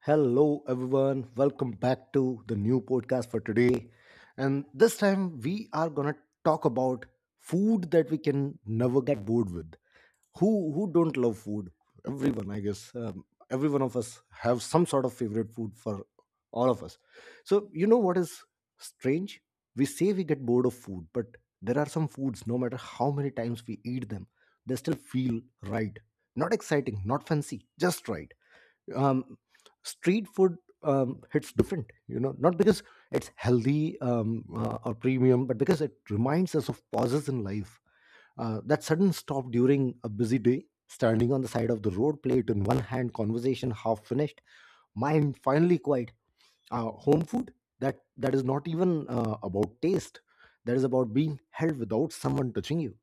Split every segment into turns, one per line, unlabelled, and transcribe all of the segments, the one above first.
Hello, everyone. Welcome back to the new podcast for today. And this time, we are gonna talk about food that we can never get bored with. Who don't love food? Everyone, I guess. Every one of us have some sort of favorite food for all of us. So you know what is strange? We say we get bored of food, but there are some foods. No matter how many times we eat them, they still feel right. Not exciting, not fancy, just right um, Street food hits different, you know, not because it's healthy or premium, but because it reminds us of pauses in life, that sudden stop during a busy day, standing on the side of the road, plate in one hand, conversation half finished, mind finally quiet. Home food that is not even about taste, that is about being held without someone touching you.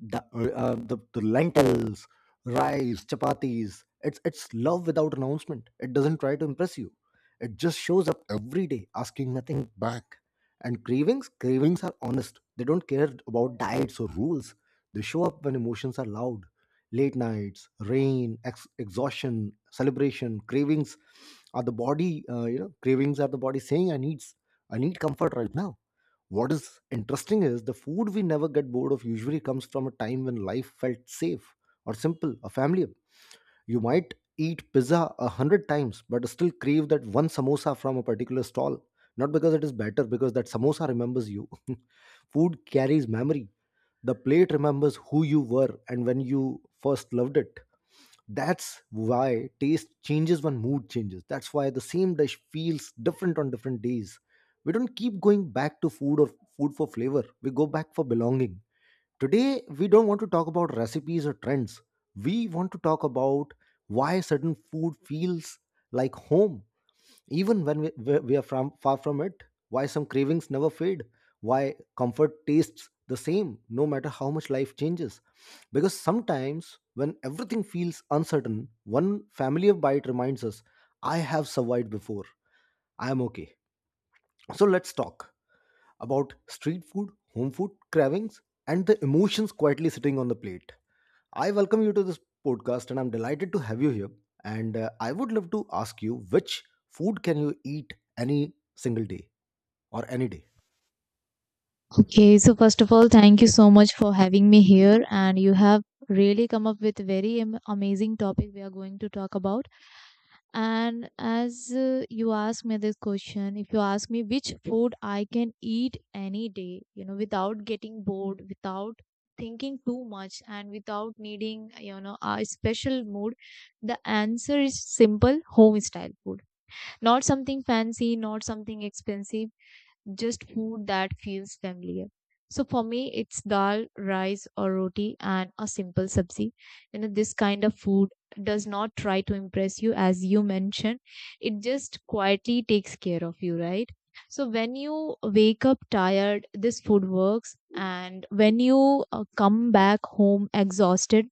The lentils, rice, chapatis, it's love without announcement. It doesn't try to impress you, it just shows up every day asking nothing back. And cravings, are honest, they don't care about diets or rules, they show up when emotions are loud: late nights, rain, exhaustion, celebration. Cravings are the body, cravings are the body saying, I need comfort right now. What is interesting is the food we never get bored of usually comes from a time when life felt safe or simple or familiar. You might eat pizza a hundred times, but still crave that one samosa from a particular stall. Not because it is better, because that samosa remembers you. Food carries memory. The plate remembers who you were and when you first loved it. That's why taste changes when mood changes. That's why the same dish feels different on different days. We don't keep going back to food or food for flavor. We go back for belonging. Today, we don't want to talk about recipes or trends. We want to talk about why certain food feels like home even when we are from, far from it, why some cravings never fade? Why comfort tastes the same no matter how much life changes? Because sometimes when everything feels uncertain, one familiar bite reminds us, I have survived before, I am okay. So let's talk about street food, home food, cravings, and the emotions quietly sitting on the plate. I welcome you to this podcast and I'm delighted to have you here. And I would love to ask you, which food can you eat any single day or any day?
Okay, so first of all, thank you so much for having me here, and you have really come up with very amazing topic we are going to talk about. And as you ask me this question, if you ask me which food I can eat any day, you know, without getting bored, without thinking too much, and without needing, you know, a special mood, the answer is simple: home style food. Not something fancy, not something expensive, just food that feels familiar. So for me, it's dal, rice, or roti, and a simple sabzi. You know, this kind of food does not try to impress you, as you mentioned. It just quietly takes care of you, right? So when you wake up tired, this food works, and when you come back home exhausted,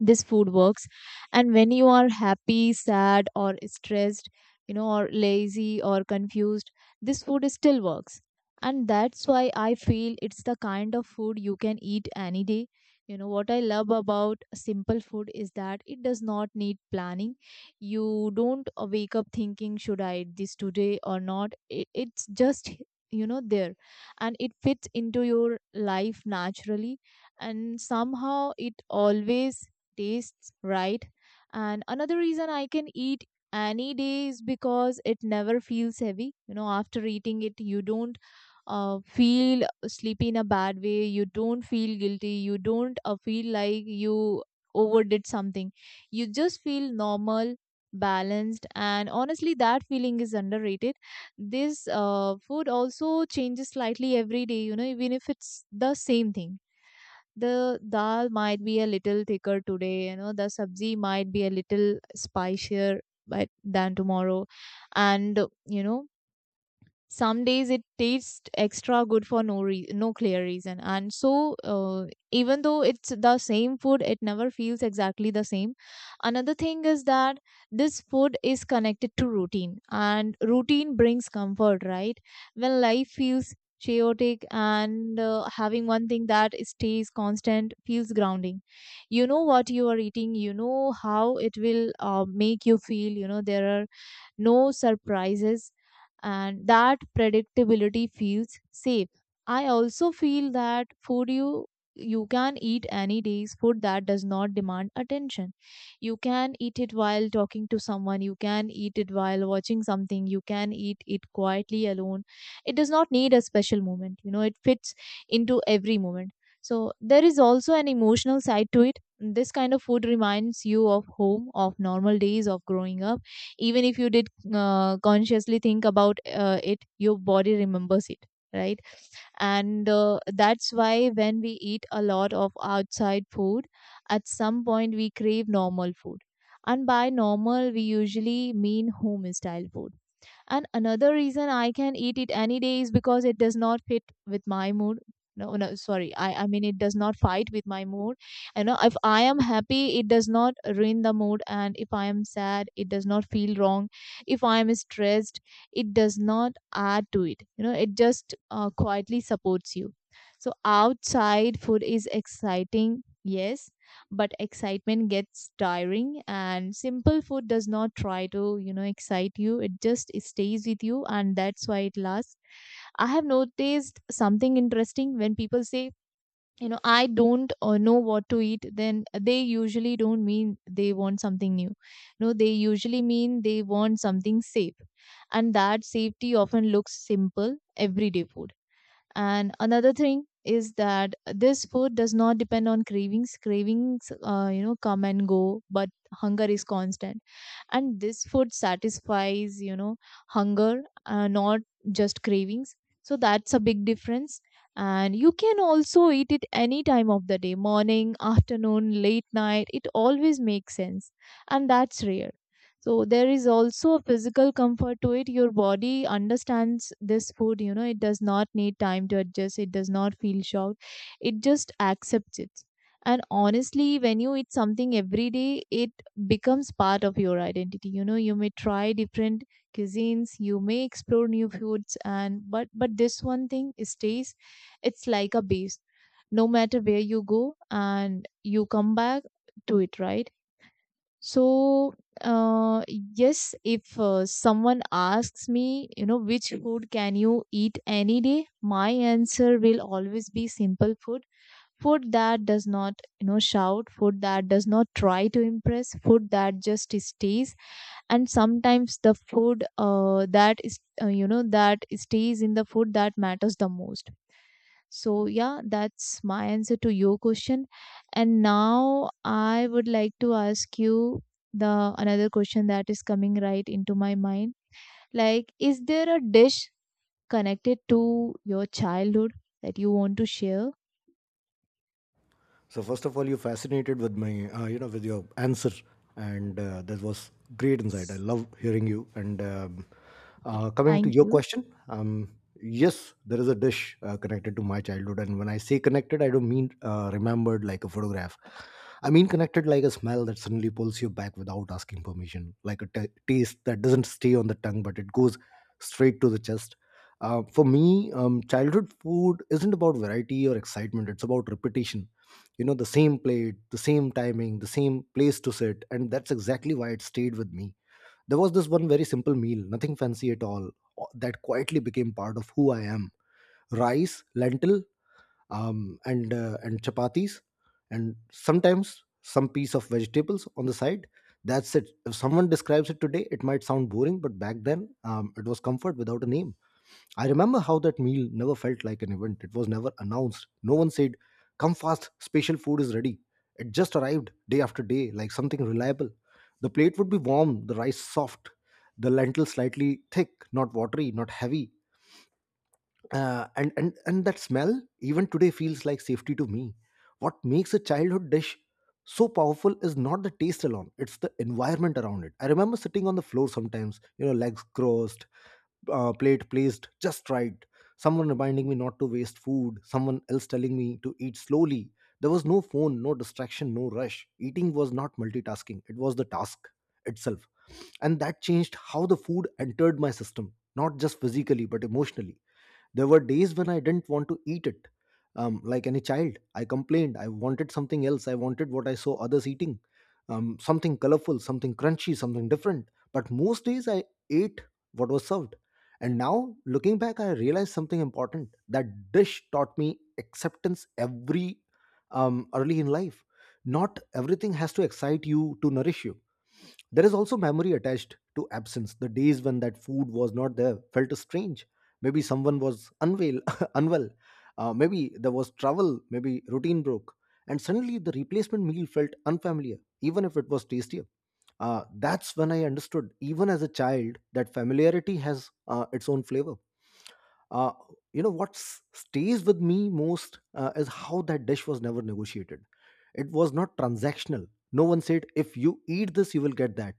this food works, and when you are happy, sad, or stressed, you know, or lazy or confused, this food still works. And that's why I feel it's the kind of food you can eat any day. You know what I love about simple food is that it does not need planning. You don't wake up thinking, should I eat this today or not, it's just, you know, there, and it fits into your life naturally, and somehow it always tastes right. And another reason I can eat any day is because it never feels heavy. You know, after eating it, you don't feel sleepy in a bad way, you don't feel guilty, you don't feel like you overdid something. You just feel normal. Balanced, and honestly, that feeling is underrated. This food also changes slightly every day, you know, even if it's the same thing. The dal might be a little thicker today, you know, the sabzi might be a little spicier but than tomorrow, and, you know, some days it tastes extra good for no clear reason. And so even though it's the same food, it never feels exactly the same. Another thing is that this food is connected to routine, and routine brings comfort, right? When life feels chaotic, and having one thing that stays constant feels grounding. You know what you are eating, you know how it will make you feel, you know there are no surprises, and that predictability feels safe. I also feel that food you can eat any day's food that does not demand attention. You can eat it while talking to someone, you can eat it while watching something, you can eat it quietly alone. It does not need a special moment, you know, it fits into every moment. So there is also an emotional side to it. This kind of food reminds you of home, of normal days, of growing up. Even if you did consciously think about it, your body remembers it, right? And that's why when we eat a lot of outside food, at some point we crave normal food, and by normal we usually mean home style food. And another reason I can eat it any day is because it does not fit with my mood. No, no, sorry. I mean, it does not fight with my mood. You know, if I am happy, it does not ruin the mood. And if I am sad, it does not feel wrong. If I am stressed, it does not add to it. You know, it just quietly supports you. So outside food is exciting, yes, but excitement gets tiring, and simple food does not try to, you know, excite you, it just stays with you, and that's why it lasts. I have noticed something interesting. When people say, you know, I don't know what to eat, then they usually don't mean they want something new. No, they usually mean they want something safe, and that safety often looks simple everyday food. And another thing is that this food does not depend on cravings. Cravings, you know, come and go, but hunger is constant, and this food satisfies, you know, hunger, not just cravings. So that's a big difference. And you can also eat it any time of the day, morning, afternoon, late night, it always makes sense, and that's rare. So there is also a physical comfort to it. Your body understands this food, you know, it does not need time to adjust, it does not feel shocked, it just accepts it. And honestly, when you eat something every day, it becomes part of your identity. You know, you may try different cuisines, you may explore new foods, and but this one thing stays. It's like a base. No matter where you go, and you come back to it, right? So yes, if someone asks me, you know, which food can you eat any day, my answer will always be simple food. Food that does not, you know, shout, food that does not try to impress, food that just stays. And sometimes the food that is you know, that stays in the food that matters the most. So yeah, that's my answer to your question. And now I would like to ask you the another question that is coming right into my mind, like, is there a dish connected to your childhood that you want to share?
So first of all, you fascinated with my, with your answer, and that was great insight. I
S-
love hearing you. And coming to
Thank
your
you.
question, yes, there is a dish connected to my childhood, and when I say connected, I don't mean remembered like a photograph. I mean connected like a smell that suddenly pulls you back without asking permission, like a ta taste that doesn't stay on the tongue but it goes straight to the chest. For me, childhood food isn't about variety or excitement; it's about repetition. You know, the same plate, the same timing, the same place to sit, and that's exactly why it stayed with me. There was this one very simple meal, nothing fancy at all, that quietly became part of who I am. Rice, lentil, and chapatis, and sometimes some piece of vegetables on the side. That's it. If someone describes it today it might sound boring, but back then it was comfort without a name. I remember how that meal never felt like an event. It was never announced. No one said, come fast, special food is ready. It just arrived day after day, like something reliable. The plate would be warm, the rice soft, the lentil slightly thick, not watery, not heavy. And that smell, even today, feels like safety to me. What makes a childhood dish so powerful is not the taste alone, it's the environment around it. I remember sitting on the floor sometimes, you know, legs crossed, plate placed just right, someone reminding me not to waste food, someone else telling me to eat slowly. There was no phone, no distraction, no rush. Eating was not multitasking, it was the task itself. And that changed how the food entered my system, not just physically, but emotionally. There were days when I didn't want to eat it. Like any child, I complained. I wanted something else. I wanted what I saw others eating, something colorful, something crunchy, something different. But most days I ate what was served. And now, looking back, I realized something important. That dish taught me acceptance every early in life. Not everything has to excite you to nourish you. There is also memory attached to absence. The days when that food was not there felt strange. Maybe someone was unwell, unwell. Maybe there was travel. Maybe routine broke, and suddenly the replacement meal felt unfamiliar, even if it was tastier. That's when I understood, even as a child, that familiarity has its own flavor uh, you know what stays with me most is how that dish was never negotiated, it was not transactional. No one said, if you eat this you will get that.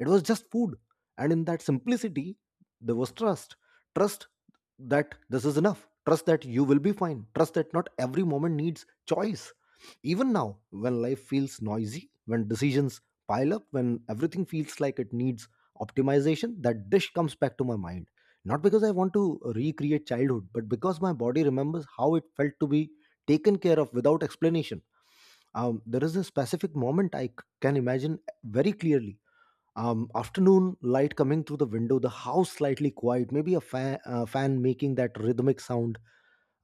It was just food, and in that simplicity there was trust. Trust that this is enough, trust that you will be fine, trust that not every moment needs choice. Even now, when life feels noisy, when decisions pile up, when everything feels like it needs optimization, that dish comes back to my mind, not because I want to recreate childhood, but because my body remembers how it felt to be taken care of without explanation. There is a specific moment I can imagine very clearly. Afternoon light coming through the window, the house slightly quiet, maybe a fan making that rhythmic sound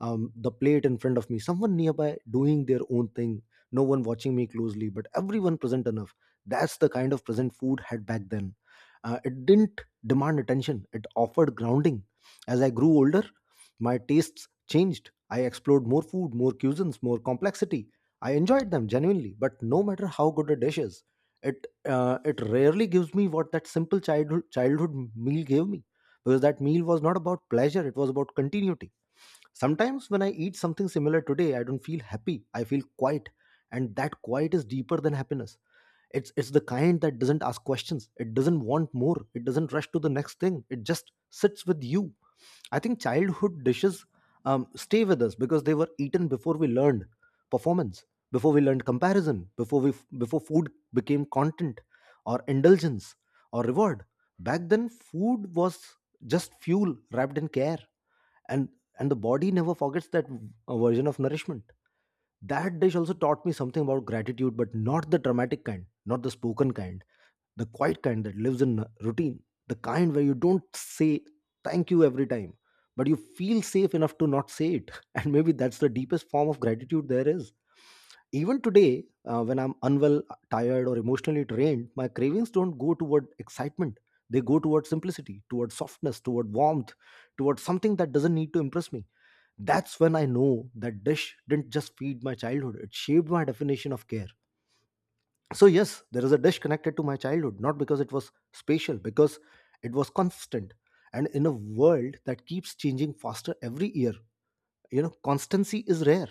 um, the plate in front of me, someone nearby doing their own thing, no one watching me closely, but everyone present enough. That's the kind of present food had back then. It didn't demand attention, it offered grounding. As I grew older, my tastes changed. I explored more food, more cuisines, more complexity. I enjoyed them genuinely, but no matter how good a dish is, it rarely gives me what that simple childhood meal gave me, because that meal was not about pleasure, it was about continuity. Sometimes when I eat something similar today, I don't feel happy. I feel quiet, and that quiet is deeper than happiness. It's the kind that doesn't ask questions. It doesn't want more. It doesn't rush to the next thing. It just sits with you. I think childhood dishes stay with us because they were eaten before we learned performance, before we learned comparison, before food became content or indulgence or reward. Back then, food was just fuel wrapped in care, and and the body never forgets that version of nourishment. That dish also taught me something about gratitude, but not the dramatic kind, not the spoken kind, the quiet kind that lives in routine, the kind where you don't say thank you every time, but you feel safe enough to not say it. And maybe that's the deepest form of gratitude there is. Even today, when I'm unwell, tired or emotionally drained, my cravings don't go toward excitement, they go toward simplicity, toward softness, toward warmth, toward something that doesn't need to impress me. That's when I know that dish didn't just feed my childhood, it shaped my definition of care. So, yes, there is a dish connected to my childhood, not because it was spatial, because it was constant. And in a world that keeps changing faster every year, you know, constancy is rare.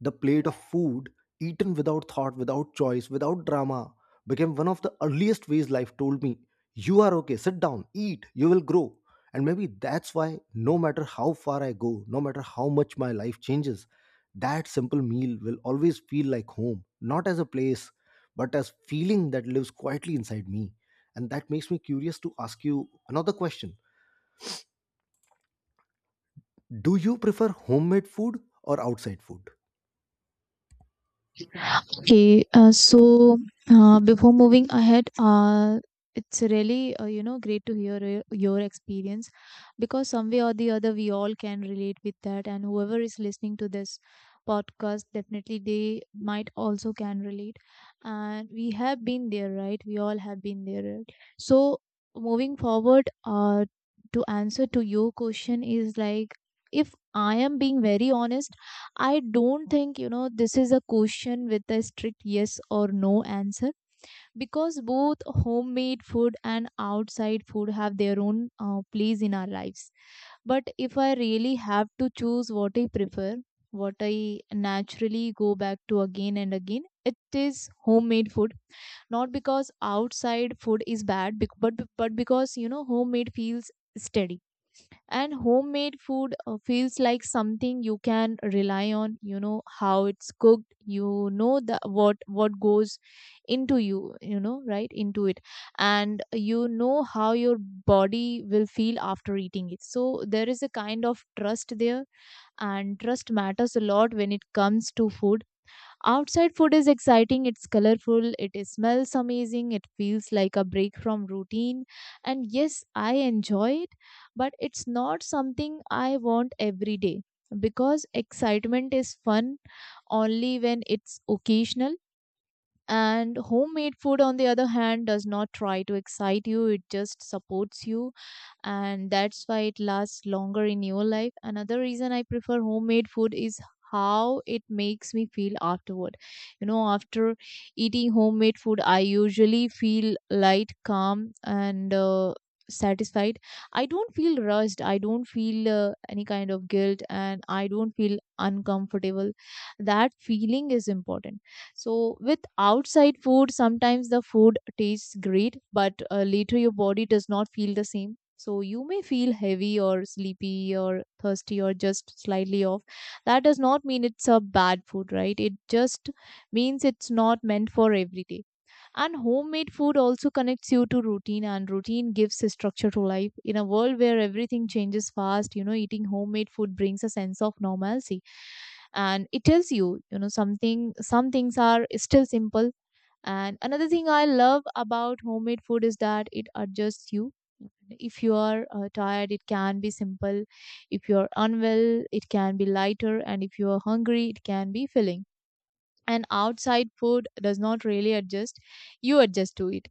The plate of food, eaten without thought, without choice, without drama, became one of the earliest ways life told me, you are okay, sit down, eat, you will grow. And maybe that's why, no matter how far I go, no matter how much my life changes, that simple meal will always feel like home, not as a place, but as feeling that lives quietly inside me. And that makes me curious to ask you another question. Do you prefer homemade food or outside food?
Okay, so before moving ahead, it's really you know, great to hear your experience, because some way or the other we all can relate with that, and whoever is listening to this podcast definitely they might also can relate, and we have been there, right? We all have been there, right? So moving forward, to answer to your question is like, if I am being very honest, I don't think, you know, this is a question with a strict yes or no answer, because both homemade food and outside food have their own place in our lives. But if I really have to choose what I prefer, what I naturally go back to again and again, it is homemade food. Not because outside food is bad, but because, you know, homemade feels steady. And homemade food feels like something you can rely on. You know how it's cooked, you know the what goes into you, you know, right into it, and you know how your body will feel after eating it. So there is a kind of trust there, and trust matters a lot when it comes to food. Outside food is exciting, it's colorful, it smells amazing, it feels like a break from routine. And yes, I enjoy it, but it's not something I want every day, because excitement is fun only when it's occasional. And homemade food, on the other hand, does not try to excite you, it just supports you, and that's why it lasts longer in your life. Another reason I prefer homemade food is how it makes me feel afterward. You know, after eating homemade food, I usually feel light, calm, and satisfied. I don't feel rushed. I don't feel any kind of guilt, and I don't feel uncomfortable. That feeling is important. So with outside food, sometimes the food tastes great, but later your body does not feel the same. So you may feel heavy or sleepy or thirsty or just slightly off. That does not mean it's a bad food, right? It just means it's not meant for every day. And homemade food also connects you to routine, and routine gives a structure to life. In a world where everything changes fast, you know, eating homemade food brings a sense of normalcy. And it tells you, you know, something, some things are still simple. And another thing I love about homemade food is that it adjusts you. If you are tired, it can be simple. If you are unwell, it can be lighter. And if you are hungry, it can be filling. And outside food does not really adjust. You adjust to it.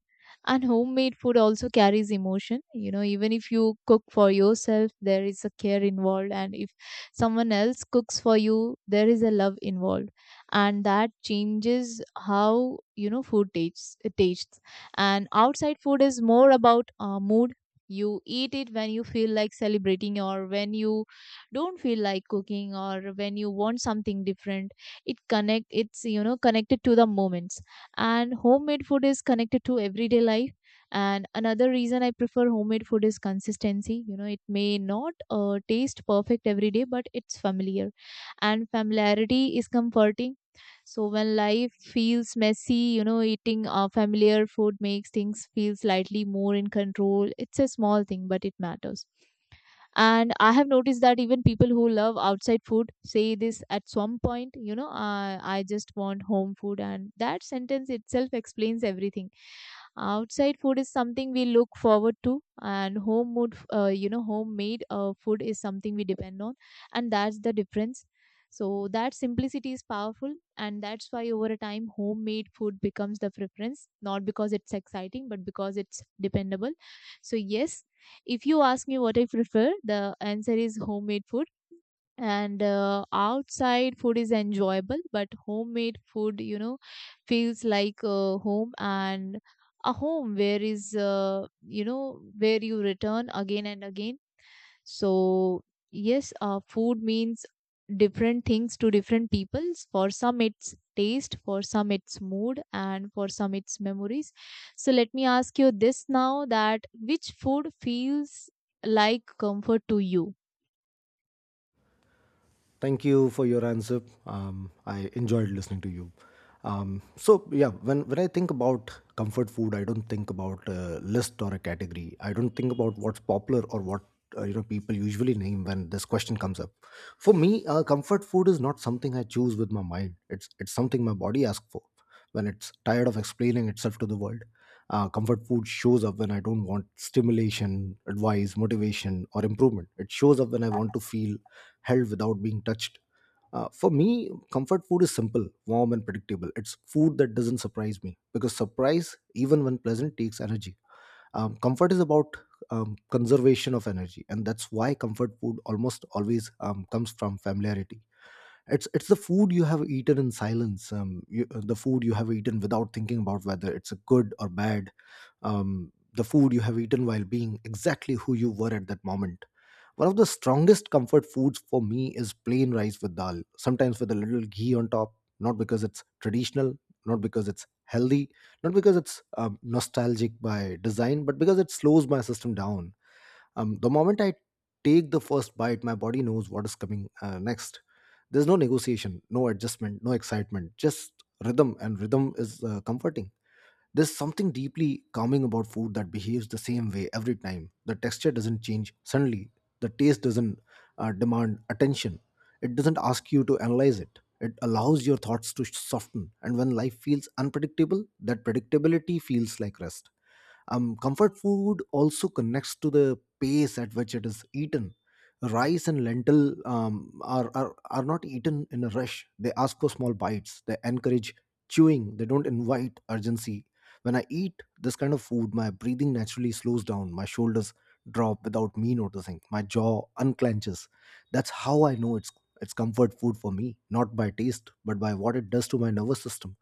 And homemade food also carries emotion, you know, even if you cook for yourself, there is a care involved. And if someone else cooks for you, there is a love involved, and that changes how, you know, food tastes. It tastes. And outside food is more about mood. You eat it when you feel like celebrating, or when you don't feel like cooking, or when you want something different. It's you know connected to the moments. And homemade food is connected to everyday life. And another reason I prefer homemade food is consistency. You know, it may not taste perfect every day, but it's familiar, and familiarity is comforting. So when life feels messy, you know, eating familiar food makes things feel slightly more in control. It's a small thing, but it matters. And I have noticed that even people who love outside food say this at some point, I just want home food, and that sentence itself explains everything. Outside food is something we look forward to, and home mood you know homemade food is something we depend on, and that's the difference. So that simplicity is powerful, and that's why over a time homemade food becomes the preference, not because it's exciting, but because it's dependable. So yes, if you ask me what I prefer, the answer is homemade food. And outside food is enjoyable, but homemade food, you know, feels like a home, and a home where is, you know, where you return again and again. So, yes, food means different things to different peoples. For some, it's taste, for some, it's mood, and for some, it's memories. So, let me ask you this now, that which food feels like comfort to you?
Thank you for your answer. I enjoyed listening to you. So yeah, when I think about comfort food, I don't think about a list or a category. I don't think about what's popular or what people usually name when this question comes up. For me, comfort food is not something I choose with my mind. It's something my body asks for when it's tired of explaining itself to the world. Comfort food shows up when I don't want stimulation, advice, motivation, or improvement. It shows up when I want to feel held without being touched. For me, comfort food is simple, warm, and predictable. It's food that doesn't surprise me because surprise, even when pleasant, takes energy. Comfort is about conservation of energy, and that's why comfort food almost always comes from familiarity. It's the food you have eaten in silence. The food you have eaten without thinking about whether it's a good or bad. The food you have eaten while being exactly who you were at that moment. One of the strongest comfort foods for me is plain rice with dal, sometimes with a little ghee on top. Not because it's traditional, not because it's healthy, not because it's nostalgic by design, but because it slows my system down. The moment I take the first bite, my body knows what is coming next. There's no negotiation, no adjustment, no excitement, just rhythm, and rhythm is comforting. There's something deeply calming about food that behaves the same way every time. The texture doesn't change suddenly, the taste doesn't demand attention, it doesn't ask you to analyze it. It allows your thoughts to soften, and when life feels unpredictable, that predictability feels like rest. Comfort food also connects to the pace at which it is eaten. Rice and lentil are not eaten in a rush. They ask for small bites. They encourage chewing. They don't invite urgency. When I eat this kind of food, my breathing naturally slows down. My shoulders drop without me noticing. My jaw unclenches. That's how I know it's comfort food for me, not by taste, but by what it does to my nervous system.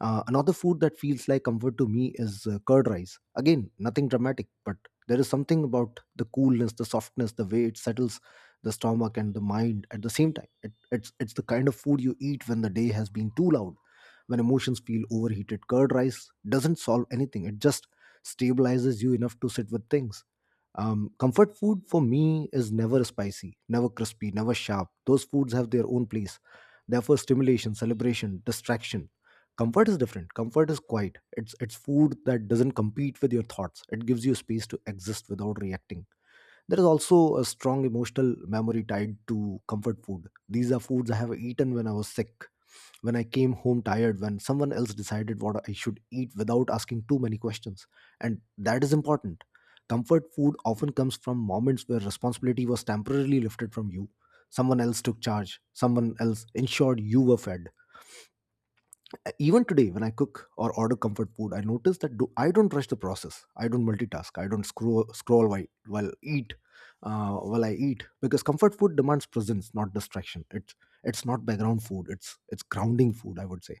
Another food that feels like comfort to me is curd rice. Again, nothing dramatic, but there is something about the coolness, the softness, the way it settles the stomach and the mind at the same time. It's the kind of food you eat when the day has been too loud, when emotions feel overheated. Curd rice doesn't solve anything. It just stabilizes you enough to sit with things. Comfort food for me is never spicy, never crispy, never sharp. Those foods have their own place. Therefore, stimulation, celebration, distraction. Comfort is different. Comfort is quiet. It's food that doesn't compete with your thoughts. It gives you space to exist without reacting. There is also a strong emotional memory tied to comfort food. These are foods I have eaten when I was sick, when I came home tired, when someone else decided what I should eat without asking too many questions, and that is important. Comfort food often comes from moments where responsibility was temporarily lifted from you. Someone else took charge. Someone else ensured you were fed. Even today, when I cook or order comfort food, I notice that I don't rush the process. I don't multitask. I don't scroll while I eat, because comfort food demands presence, not distraction. It's not background food. It's grounding food, I would say.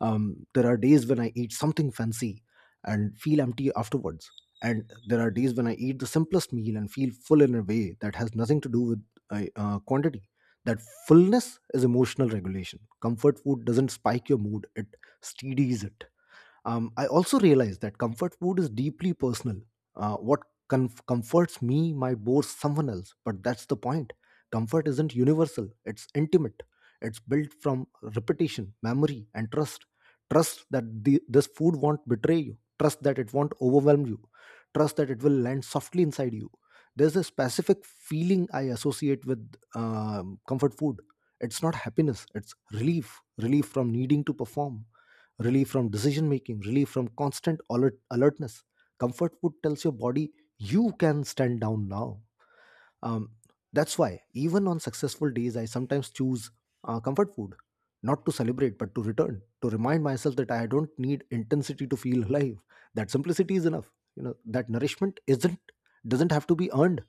There are days when I eat something fancy and feel empty afterwards. And there are days when I eat the simplest meal and feel full in a way that has nothing to do with quantity. That fullness is emotional regulation. Comfort food doesn't spike your mood, it steadies it. I also realize that comfort food is deeply personal. What comforts me might bore someone else, but that's the point. Comfort isn't universal, it's intimate. It's built from repetition, memory, and trust. Trust that this food won't betray you, trust that it won't overwhelm you, trust that it will land softly inside you. There's a specific feeling I associate with comfort food. It's not happiness, it's relief, relief from needing to perform, relief from decision making, relief from constant alertness. Comfort food tells your body you can stand down now. Um, that's why, even on successful days, I sometimes choose comfort food, not to celebrate, but to return, to remind myself that I don't need intensity to feel alive. That simplicity is enough. You know, that nourishment isn't doesn't have to be earned.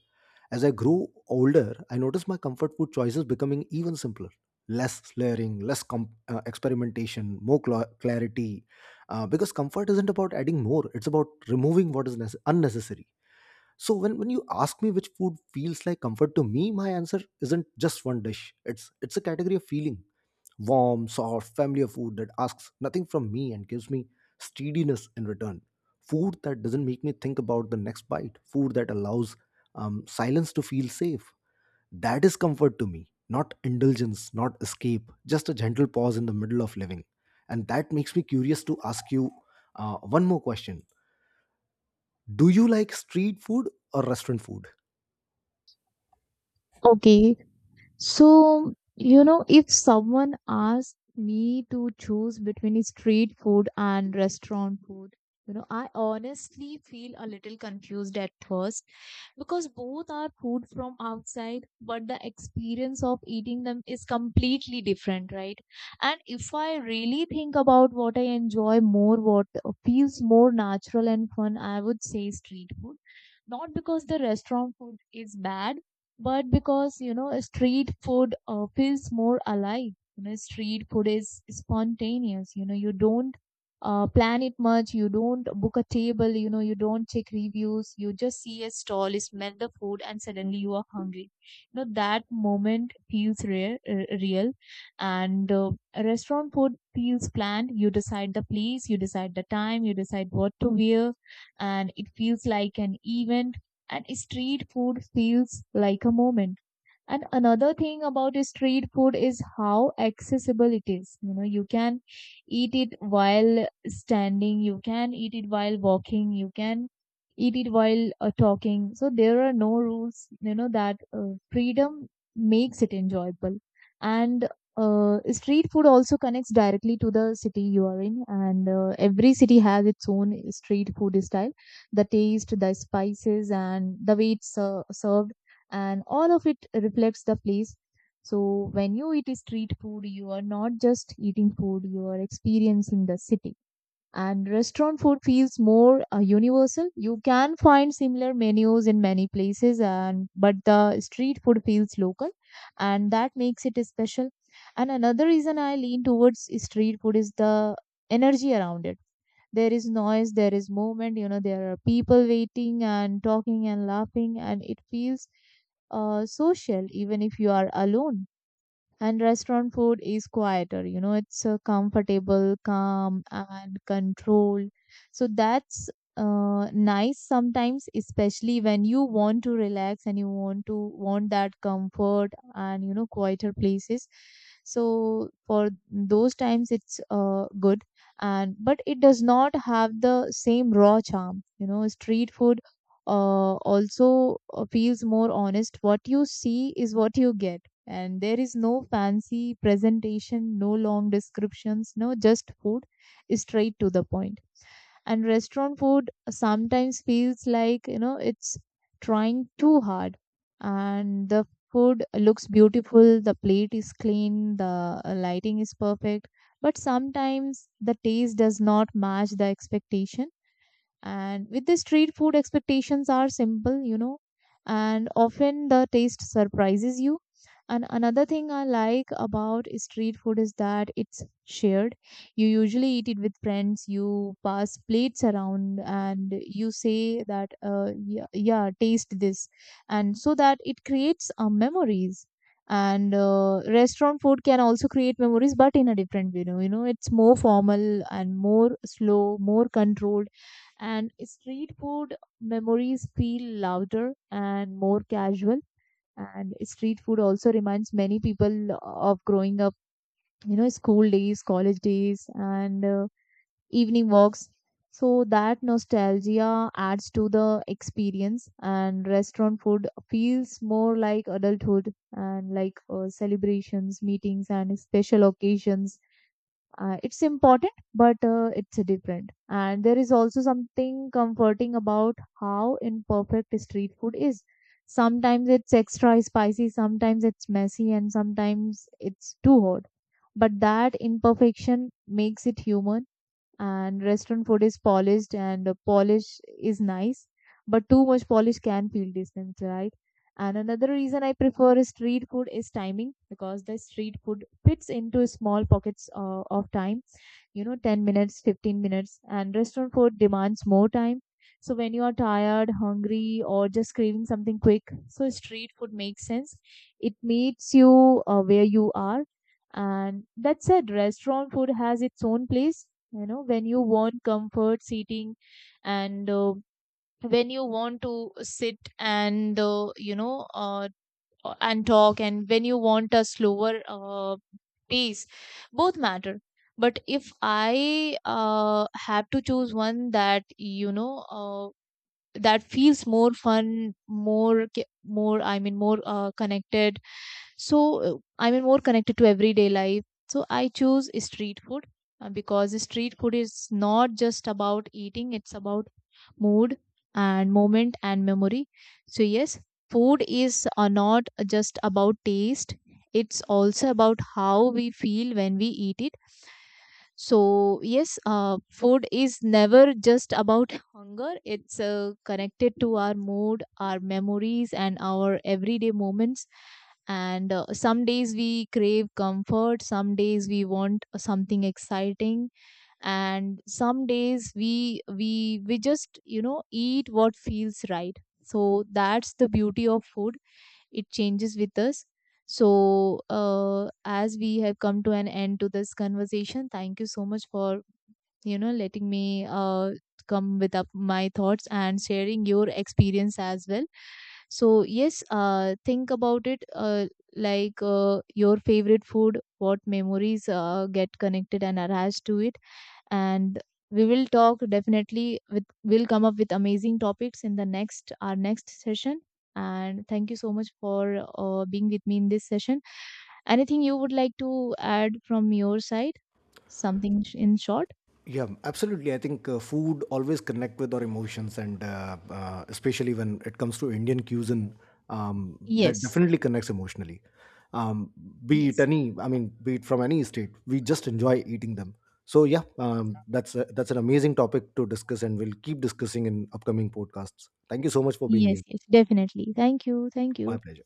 As I grew older, I noticed my comfort food choices becoming even simpler. Less layering, less experimentation, more clarity. Because comfort isn't about adding more, it's about removing what is unnecessary. So, when you ask me which food feels like comfort to me, my answer isn't just one dish. It's a category of feeling: warm, soft, familiar food that asks nothing from me and gives me steadiness in return. Food that doesn't make me think about the next bite. Food that allows silence to feel safe. That is comfort to me, not indulgence, not escape, just a gentle pause in the middle of living. And that makes me curious to ask you one more question. Do you like street food or restaurant food?
Okay, so you know, if someone asked me to choose between street food and restaurant food, you know, I honestly feel a little confused at first, because both are food from outside, but the experience of eating them is completely different, right? And if I really think about what I enjoy more, what feels more natural and fun, I would say street food. Not because the restaurant food is bad, but because, you know, street food feels more alive. You know, street food is spontaneous. You know, you don't plan it much, you don't book a table, you know, you don't check reviews. You just see a stall, you smell the food, and suddenly you are hungry. You know that moment feels real. And restaurant food feels planned. You decide the place, you decide the time, you decide what to wear, and it feels like an event. And street food feels like a moment. And another thing about street food is how accessible it is. You know, you can eat it while standing, you can eat it while walking, you can eat it while talking. So there are no rules, you know, that freedom makes it enjoyable. And street food also connects directly to the city you are in, and every city has its own street food style, the taste, the spices, and the way it's served, and all of it reflects the place. So when you eat street food, you are not just eating food, you are experiencing the city. And restaurant food feels more universal. You can find similar menus in many places, and but the street food feels local, and that makes it special. And another reason I lean towards street food is the energy around it. There is noise, there is movement, you know, there are people waiting and talking and laughing, and it feels social, even if you are alone. And restaurant food is quieter, you know, it's comfortable, calm, and controlled. So that's nice sometimes, especially when you want to relax, and you want that comfort and, you know, quieter places. So for those times, it's good. And but it does not have the same raw charm, you know. Street food also feels more honest. What you see is what you get, and there is no fancy presentation, no long descriptions, no, just food, straight to the point. And restaurant food sometimes feels like, you know, it's trying too hard. And the food looks beautiful, the plate is clean, the lighting is perfect, but sometimes the taste does not match the expectation. And with the street food, expectations are simple, you know, and often the taste surprises you. And another thing I like about street food is that it's shared. You usually eat it with friends, you pass plates around, and you say that, yeah, yeah, taste this. And so that it creates memories. And restaurant food can also create memories, but in a different way. You know, it's more formal and more slow, more controlled. And street food memories feel louder and more casual. And street food also reminds many people of growing up, you know, school days, college days, and evening walks. So that nostalgia adds to the experience. And restaurant food feels more like adulthood, and like celebrations, meetings, and special occasions. It's important, but it's different. And there is also something comforting about how imperfect street food is. Sometimes it's extra spicy, sometimes it's messy, and sometimes it's too hot, but that imperfection makes it human. And restaurant food is polished, and the polish is nice, but too much polish can feel distant, right? And another reason I prefer street food is timing, because the street food fits into small pockets of time, you know, 10 minutes, 15 minutes. And restaurant food demands more time. So when you are tired, hungry, or just craving something quick, so street food makes sense. It meets you where you are. And that said, restaurant food has its own place, you know, when you want comfort seating, and when you want to sit and you know and talk, and when you want a slower pace. Both matter. But if I have to choose one that, you know, uh, that feels more fun, more more, I mean, more connected, so I mean more connected to everyday life, so I choose street food. Because street food is not just about eating, it's about mood and moment and memory. So yes, food is not just about taste, it's also about how we feel when we eat it. So, yes, food is never just about hunger. It's connected to our mood, our memories, and our everyday moments. And some days we crave comfort, some days we want something exciting, and some days we just, you know, eat what feels right. So that's the beauty of food, it changes with us. So, as we have come to an end to this conversation, thank you so much for, you know, letting me come with up my thoughts and sharing your experience as well. So yes, think about it. Like your favorite food, what memories get connected and attached to it. And we will talk, definitely, with we'll come up with amazing topics in the next, our next session. And thank you so much for being with me in this session. Anything you would like to add from your side, something in short?
Yeah, absolutely. I think food always connect with our emotions, and especially when it comes to Indian cuisine, that
Yes,
definitely connects emotionally. Um, be it
yes,
any, I mean, be it from any state, we just enjoy eating them. So yeah, that's an amazing topic to discuss, and we'll keep discussing in upcoming podcasts. Thank you so much for being
yes,
here.
yes, definitely. Thank you, thank
My
you.
pleasure.